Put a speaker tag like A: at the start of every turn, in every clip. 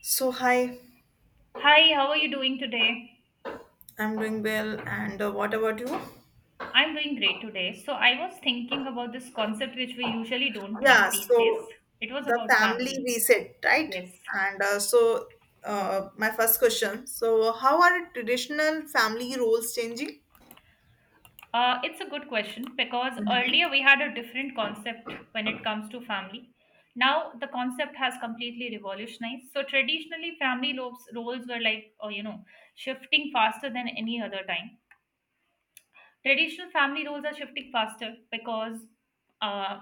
A: So, hi,
B: Hi, how are you doing today?
A: I'm doing well. And what about you?
B: I'm doing great today. So, I was thinking about this concept which we usually don't think
A: Yeah,
B: these days.
A: so
B: It was
A: the
B: about
A: family
B: family.
A: reset, right?
B: Yes.
A: And so, my first question. So, how are traditional family roles changing?
B: It's a good question because earlier we had a different concept when it comes to family. Now the concept has completely revolutionized. So, traditionally, family roles were like, shifting faster than any other time. Traditional family roles are shifting faster because, uh,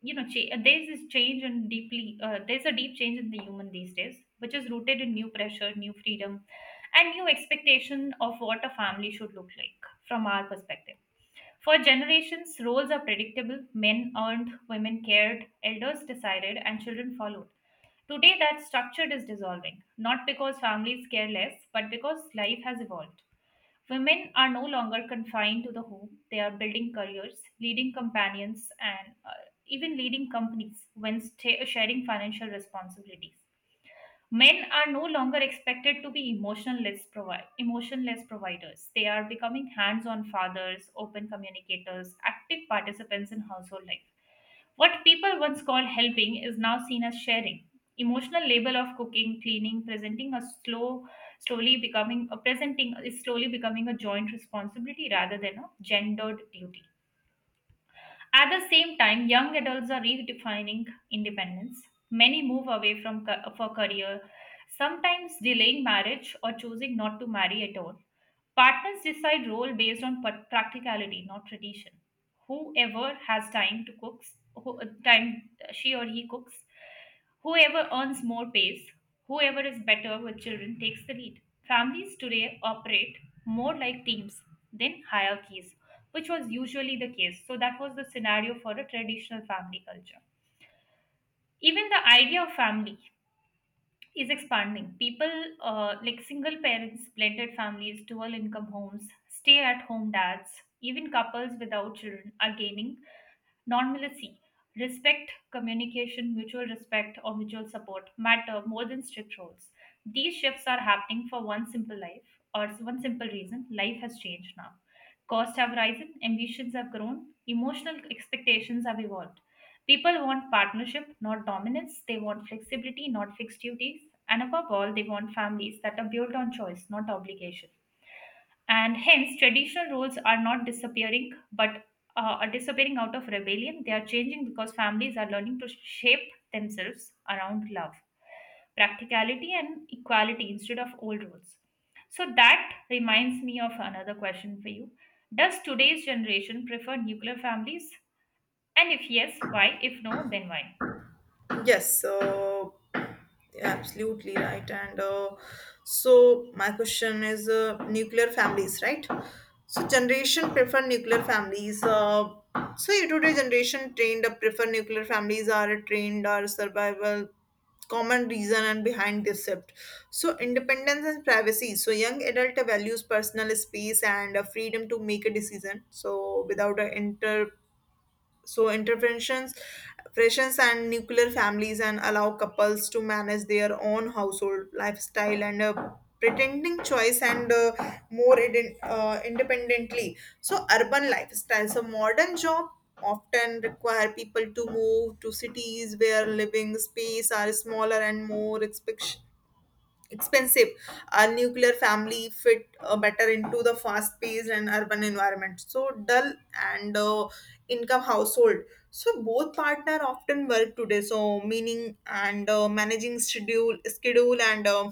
B: there's this change in deeply, there's a deep change in the human these days, which is rooted in new pressure, new freedom, and new expectation of what a family should look like from our perspective. For generations, roles are predictable. Men earned, women cared, elders decided, and children followed. Today, that structure is dissolving, not because families care less, but because life has evolved. Women are no longer confined to the home. They are building careers, leading companions, and even leading companies when sta sharing financial responsibilities. Men are no longer expected to be emotionless providers. They are becoming hands on fathers, open communicators, active participants in household life. What people once called helping is now seen as sharing. Emotional labor of cooking, cleaning, presenting a slow, slowly becoming a presenting is slowly becoming a joint responsibility rather than a gendered duty. At the same time, young adults are redefining independence. Many move away for career, sometimes delaying marriage or choosing not to marry at all. Partners decide role based on practicality, not tradition. Whoever has time to cooks, who, time she or he cooks, whoever earns more pays, whoever is better with children takes the lead. Families today operate more like teams than hierarchies, which was usually the case. So that was the scenario for a traditional family culture. Even the idea of family is expanding. People like single parents, blended families, dual income homes, stay at home dads, even couples without children are gaining normalcy, respect, communication, mutual respect, or mutual support matter more than strict rules. These shifts are happening for one simple reason: life has changed now. Costs have risen, ambitions have grown, emotional expectations have evolved. People want partnership, not dominance. They want flexibility, not fixed duties. And above all, they want families that are built on choice, not obligation. And hence traditional roles are not disappearing, but are disappearing out of rebellion. They are changing because families are learning to shape themselves around love, practicality and equality instead of old roles. So that reminds me of another question for you: does today's generation prefer nuclear families, and if yes why, if no then why?
A: Yes, so absolutely right. And so my question is nuclear families, right? So generation prefer nuclear families. So you today generation trained up prefer nuclear families are trained or survival common reason and behind this shift, so independence and privacy, so young adult values personal space and freedom to make a decision, so without so interventions pressures and nuclear families and allow couples to manage their own household lifestyle and pretending choice and more independently, so urban lifestyle, so modern job often require people to move to cities where living space are smaller and more expensive. Our nuclear family fit better into the fast-paced and urban environment. So dull and income household. So both partner often work today. So meaning and managing schedule and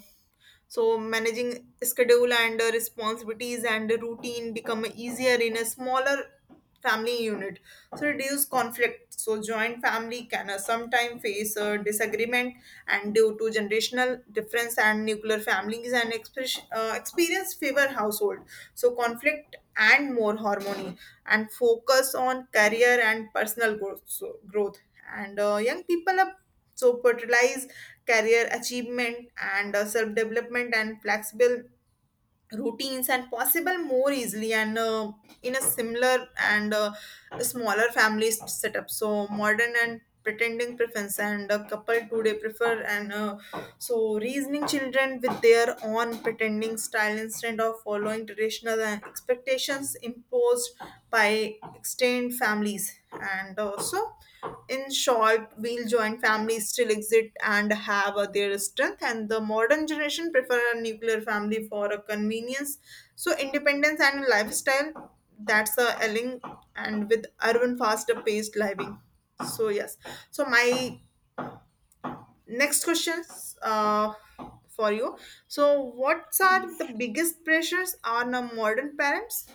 A: so managing schedule and responsibilities and routine become easier in a smaller family unit, so reduce conflict, so joint family can sometimes face a disagreement and due to generational difference and nuclear families and express, experience favor household, so conflict and more harmony and focus on career and personal growth, so growth and young people are so prioritize career achievement and self development and flexible routines and possible more easily and in a similar and smaller family setup, so modern and pretending preference and a couple today prefer an so, reasoning children with their own pretending style instead of following traditional expectations imposed by extended families. And also, in short, we'll join families still exist and have their strength. And the modern generation prefer a nuclear family for a convenience. So, independence and lifestyle, that's a elling and with urban faster paced living, so yes, so my next questions for you, so what
B: Yes.
A: are the biggest pressures on a modern parents?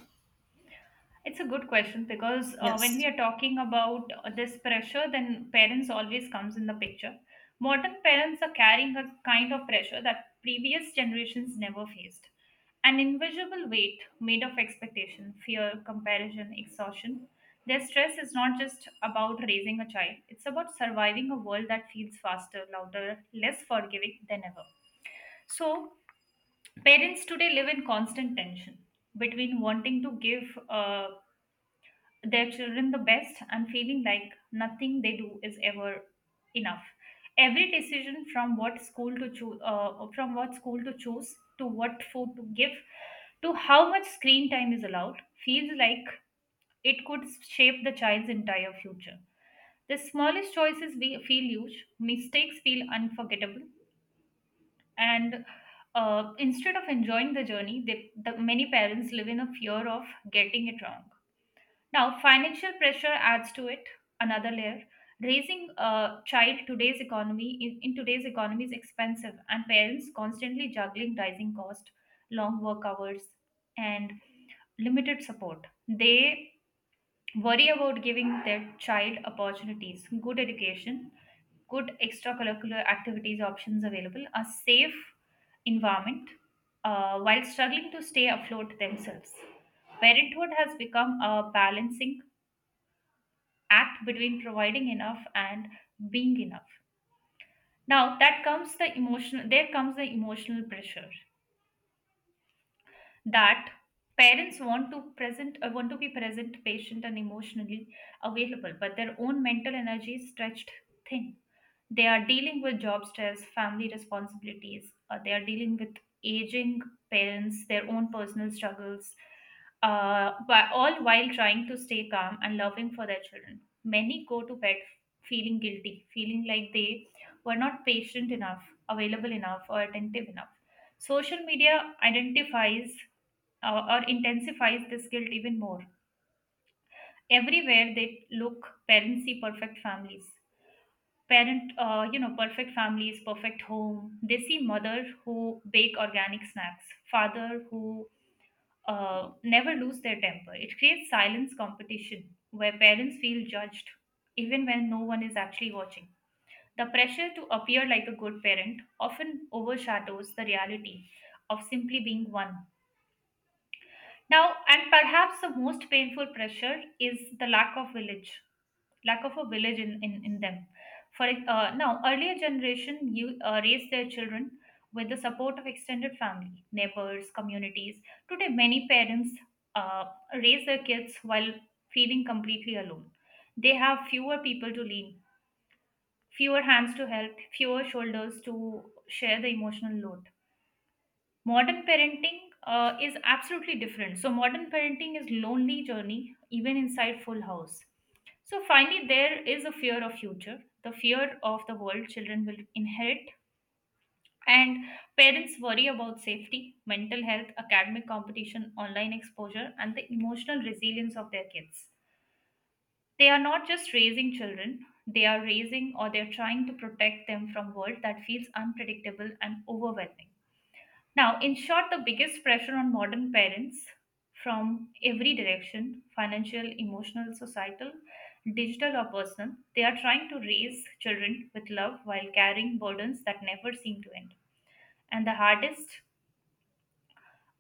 B: It's a good question because when we
A: Yes.
B: are talking about this pressure, then parents always comes in the picture. Modern parents are carrying a kind of pressure that previous generations never faced. An invisible weight made of expectation, fear, comparison, exhaustion. Their stress is not just about raising a child, it's about surviving a world that feels faster, louder, less forgiving than ever. So, parents today live in constant tension between wanting to give their children the best and feeling like nothing they do is ever enough. Every decision, from what school to choose, to what food to give, to how much screen time is allowed, feels like it could shape the child's entire future. The smallest choices we feel, huge mistakes feel unforgettable. And instead of enjoying the journey, the many parents live in a fear of getting it wrong. Now, financial pressure adds to it another layer. Raising a child in today's economy is expensive, and parents constantly juggling rising cost, long work hours, and limited support. They worry about giving their child opportunities, good education, good extracurricular activities options available, a safe environment, while struggling to stay afloat themselves. Parenthood has become a balancing act between providing enough and being enough. Now that comes the emotional There comes the emotional pressure that parents want to be present, patient and emotionally available, but their own mental energy is stretched thin. They are dealing with job stress, family responsibilities, they are dealing with aging parents, their own personal struggles, but all while trying to stay calm and loving for their children. Many go to bed feeling guilty, feeling like they were not patient enough, available enough, or attentive enough. Social media identifies or intensifies this guilt even more. Everywhere they look, parents see perfect families. Perfect families, perfect home. They see mother who bake organic snacks, father who never lose their temper. It creates silence competition where parents feel judged even when no one is actually watching. The pressure to appear like a good parent often overshadows the reality of simply being one. Now, and perhaps the most painful pressure is the lack of village, lack of a village in them. Earlier generation you raised their children with the support of extended family, neighbors, communities. Today, many parents uh, raise their kids while feeling completely alone. They have fewer people to lean, fewer hands to help, fewer shoulders to share the emotional load. Modern parenting is absolutely different. So modern parenting is lonely journey even inside full house. So finally there is a fear of future, the fear of the world children will inherit. And parents worry about safety, mental health, academic competition, online exposure and the emotional resilience of their kids. They are not just raising children, they are raising, or they're trying to protect them from world that feels unpredictable and overwhelming. Now, in short, the biggest pressure on modern parents from every direction: financial, emotional, societal, digital, or personal. They are trying to raise children with love while carrying burdens that never seem to end. And the hardest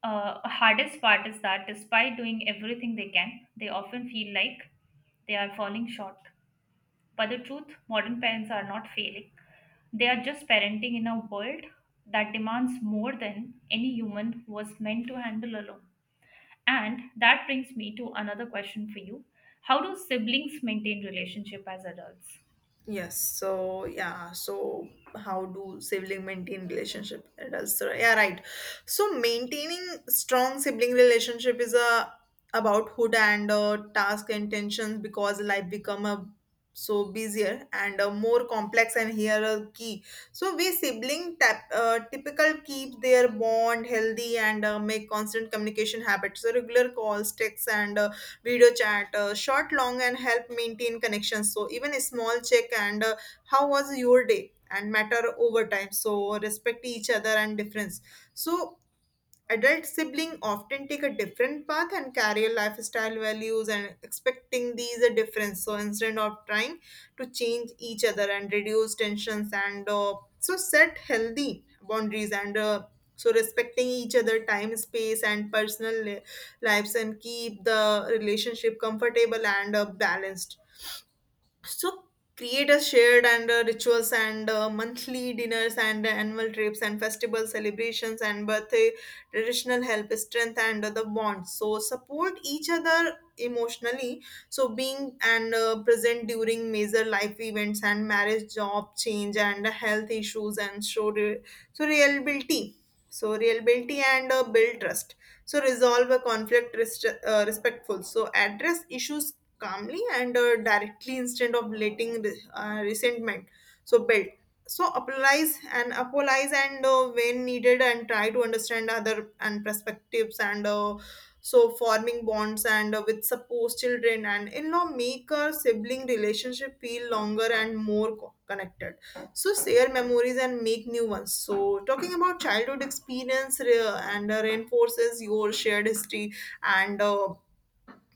B: hardest part is that despite doing everything they can, they often feel like they are falling short. But the truth, modern parents are not failing. They are just parenting in a world that demands more than any human was meant to handle alone. And that brings me to another question for you. How do siblings maintain relationship as adults?
A: Yes, so yeah, so how do sibling maintain relationship? It does, so yeah, right. So maintaining strong sibling relationship is a about hood and task and tensions because life become a so busier and more complex and here a key. So we sibling tap, typical keep their bond healthy and make constant communication habits. So regular calls, texts, and video chat, short, long, and help maintain connections. So even a small check and how was your day and matter over time. So respect each other and difference. So adult sibling often take a different path and carry a lifestyle values and expecting these a difference, so instead of trying to change each other and reduce tensions and so set healthy boundaries and so respecting each other time space and personal lives and keep the relationship comfortable and balanced, so create a shared and rituals and monthly dinners and annual trips and festival celebrations and birthday traditional help strength and the bond. So support each other emotionally. So being and present during major life events and marriage, job change and health issues and show so reliability. So reliability and build trust. So resolve a conflict respectful. So address issues calmly and directly instead of letting resentment so build so apologize and apologize and when needed and try to understand other and perspectives and so forming bonds and with supposed children and in law make a sibling relationship feel longer and more connected, so share memories and make new ones, so talking about childhood experience re- and reinforces your shared history and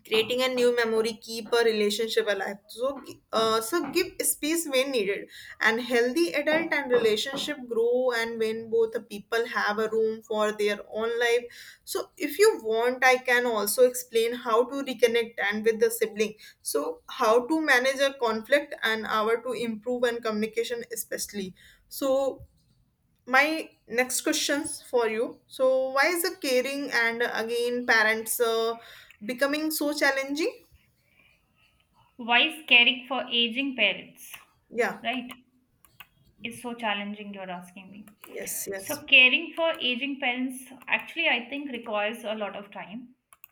A: creating a new memory keep a relationship alive, so so give space when needed and healthy adult and relationship grow and when both the people have a room for their own life, so if you want I can also explain how to reconnect and with the sibling, so how to manage a conflict and how to improve and communication especially, so my next questions for you, so why is the caring and again parents becoming so challenging?
B: Why is caring for aging parents,
A: Yeah.
B: right, is so challenging, you're asking me.
A: Yes.
B: So
A: Yes.
B: caring for aging parents actually I think requires a lot of time,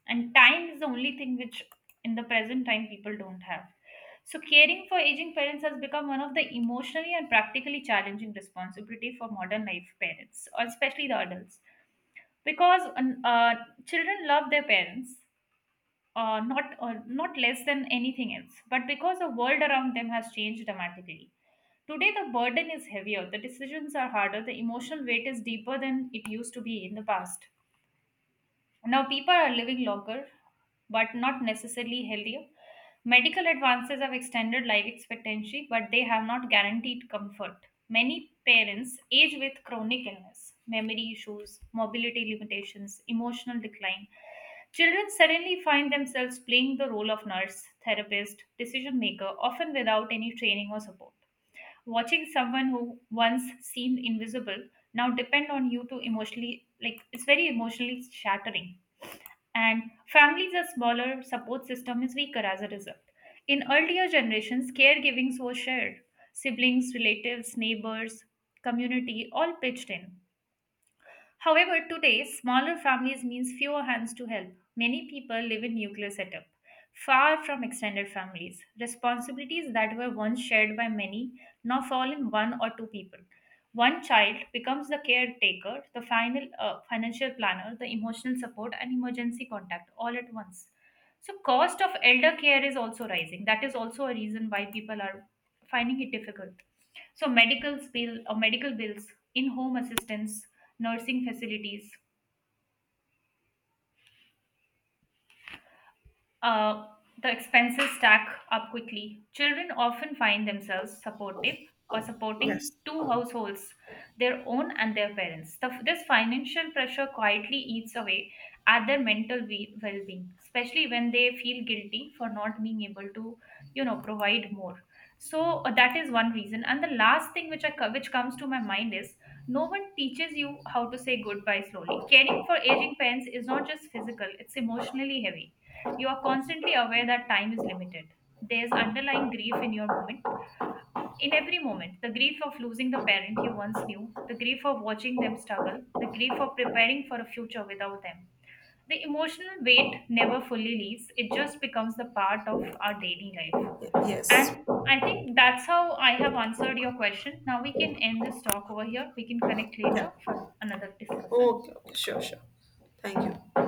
B: and time is the only thing which in the present time people don't have. So caring for aging parents has become one of the emotionally and practically challenging responsibility for modern life parents, or especially the adults, because children love their parents, uh, not uh, not less than anything else, but because the world around them has changed dramatically. Today, the burden is heavier, the decisions are harder, the emotional weight is deeper than it used to be in the past. Now, people are living longer, but not necessarily healthier. Medical advances have extended life expectancy, but they have not guaranteed comfort. Many parents age with chronic illness, memory issues, mobility limitations, emotional decline. Children suddenly find themselves playing the role of nurse, therapist, decision maker, often without any training or support, watching someone who once seemed invisible now depend on you. To emotionally, like, it's very emotionally shattering. And families are smaller, support system is weaker as a result. In earlier generations caregivings was shared: siblings, relatives, neighbors, community all pitched in. However, today, smaller families means fewer hands to help. Many people live in nuclear setup, far from extended families. Responsibilities that were once shared by many now fall in one or two people. One child becomes the caretaker, the final financial planner, the emotional support, and emergency contact all at once. So cost of elder care is also rising. That is also a reason why people are finding it difficult. So medical bills, in-home assistance, nursing facilities, Uh, the expenses stack up quickly. Children often find themselves supportive or supporting
A: Yes.
B: two households, their own and their parents. This financial pressure quietly eats away at their mental well-being, especially when they feel guilty for not being able to, you know, provide more. So that is one reason. And the last thing which which comes to my mind is no one teaches you how to say goodbye slowly. Caring for aging parents is not just physical; it's emotionally heavy. You are constantly aware that time is limited. There's underlying grief in your moment. In every moment, the grief of losing the parent you once knew, the grief of watching them struggle, the grief of preparing for a future without them. The emotional weight never fully leaves, it just becomes the part of our daily life.
A: Yes.
B: And I think that's how I have answered your question. Now we can end this talk over here. We can connect later
A: Yeah.
B: for another discussion.
A: Okay, okay, sure, sure, thank you.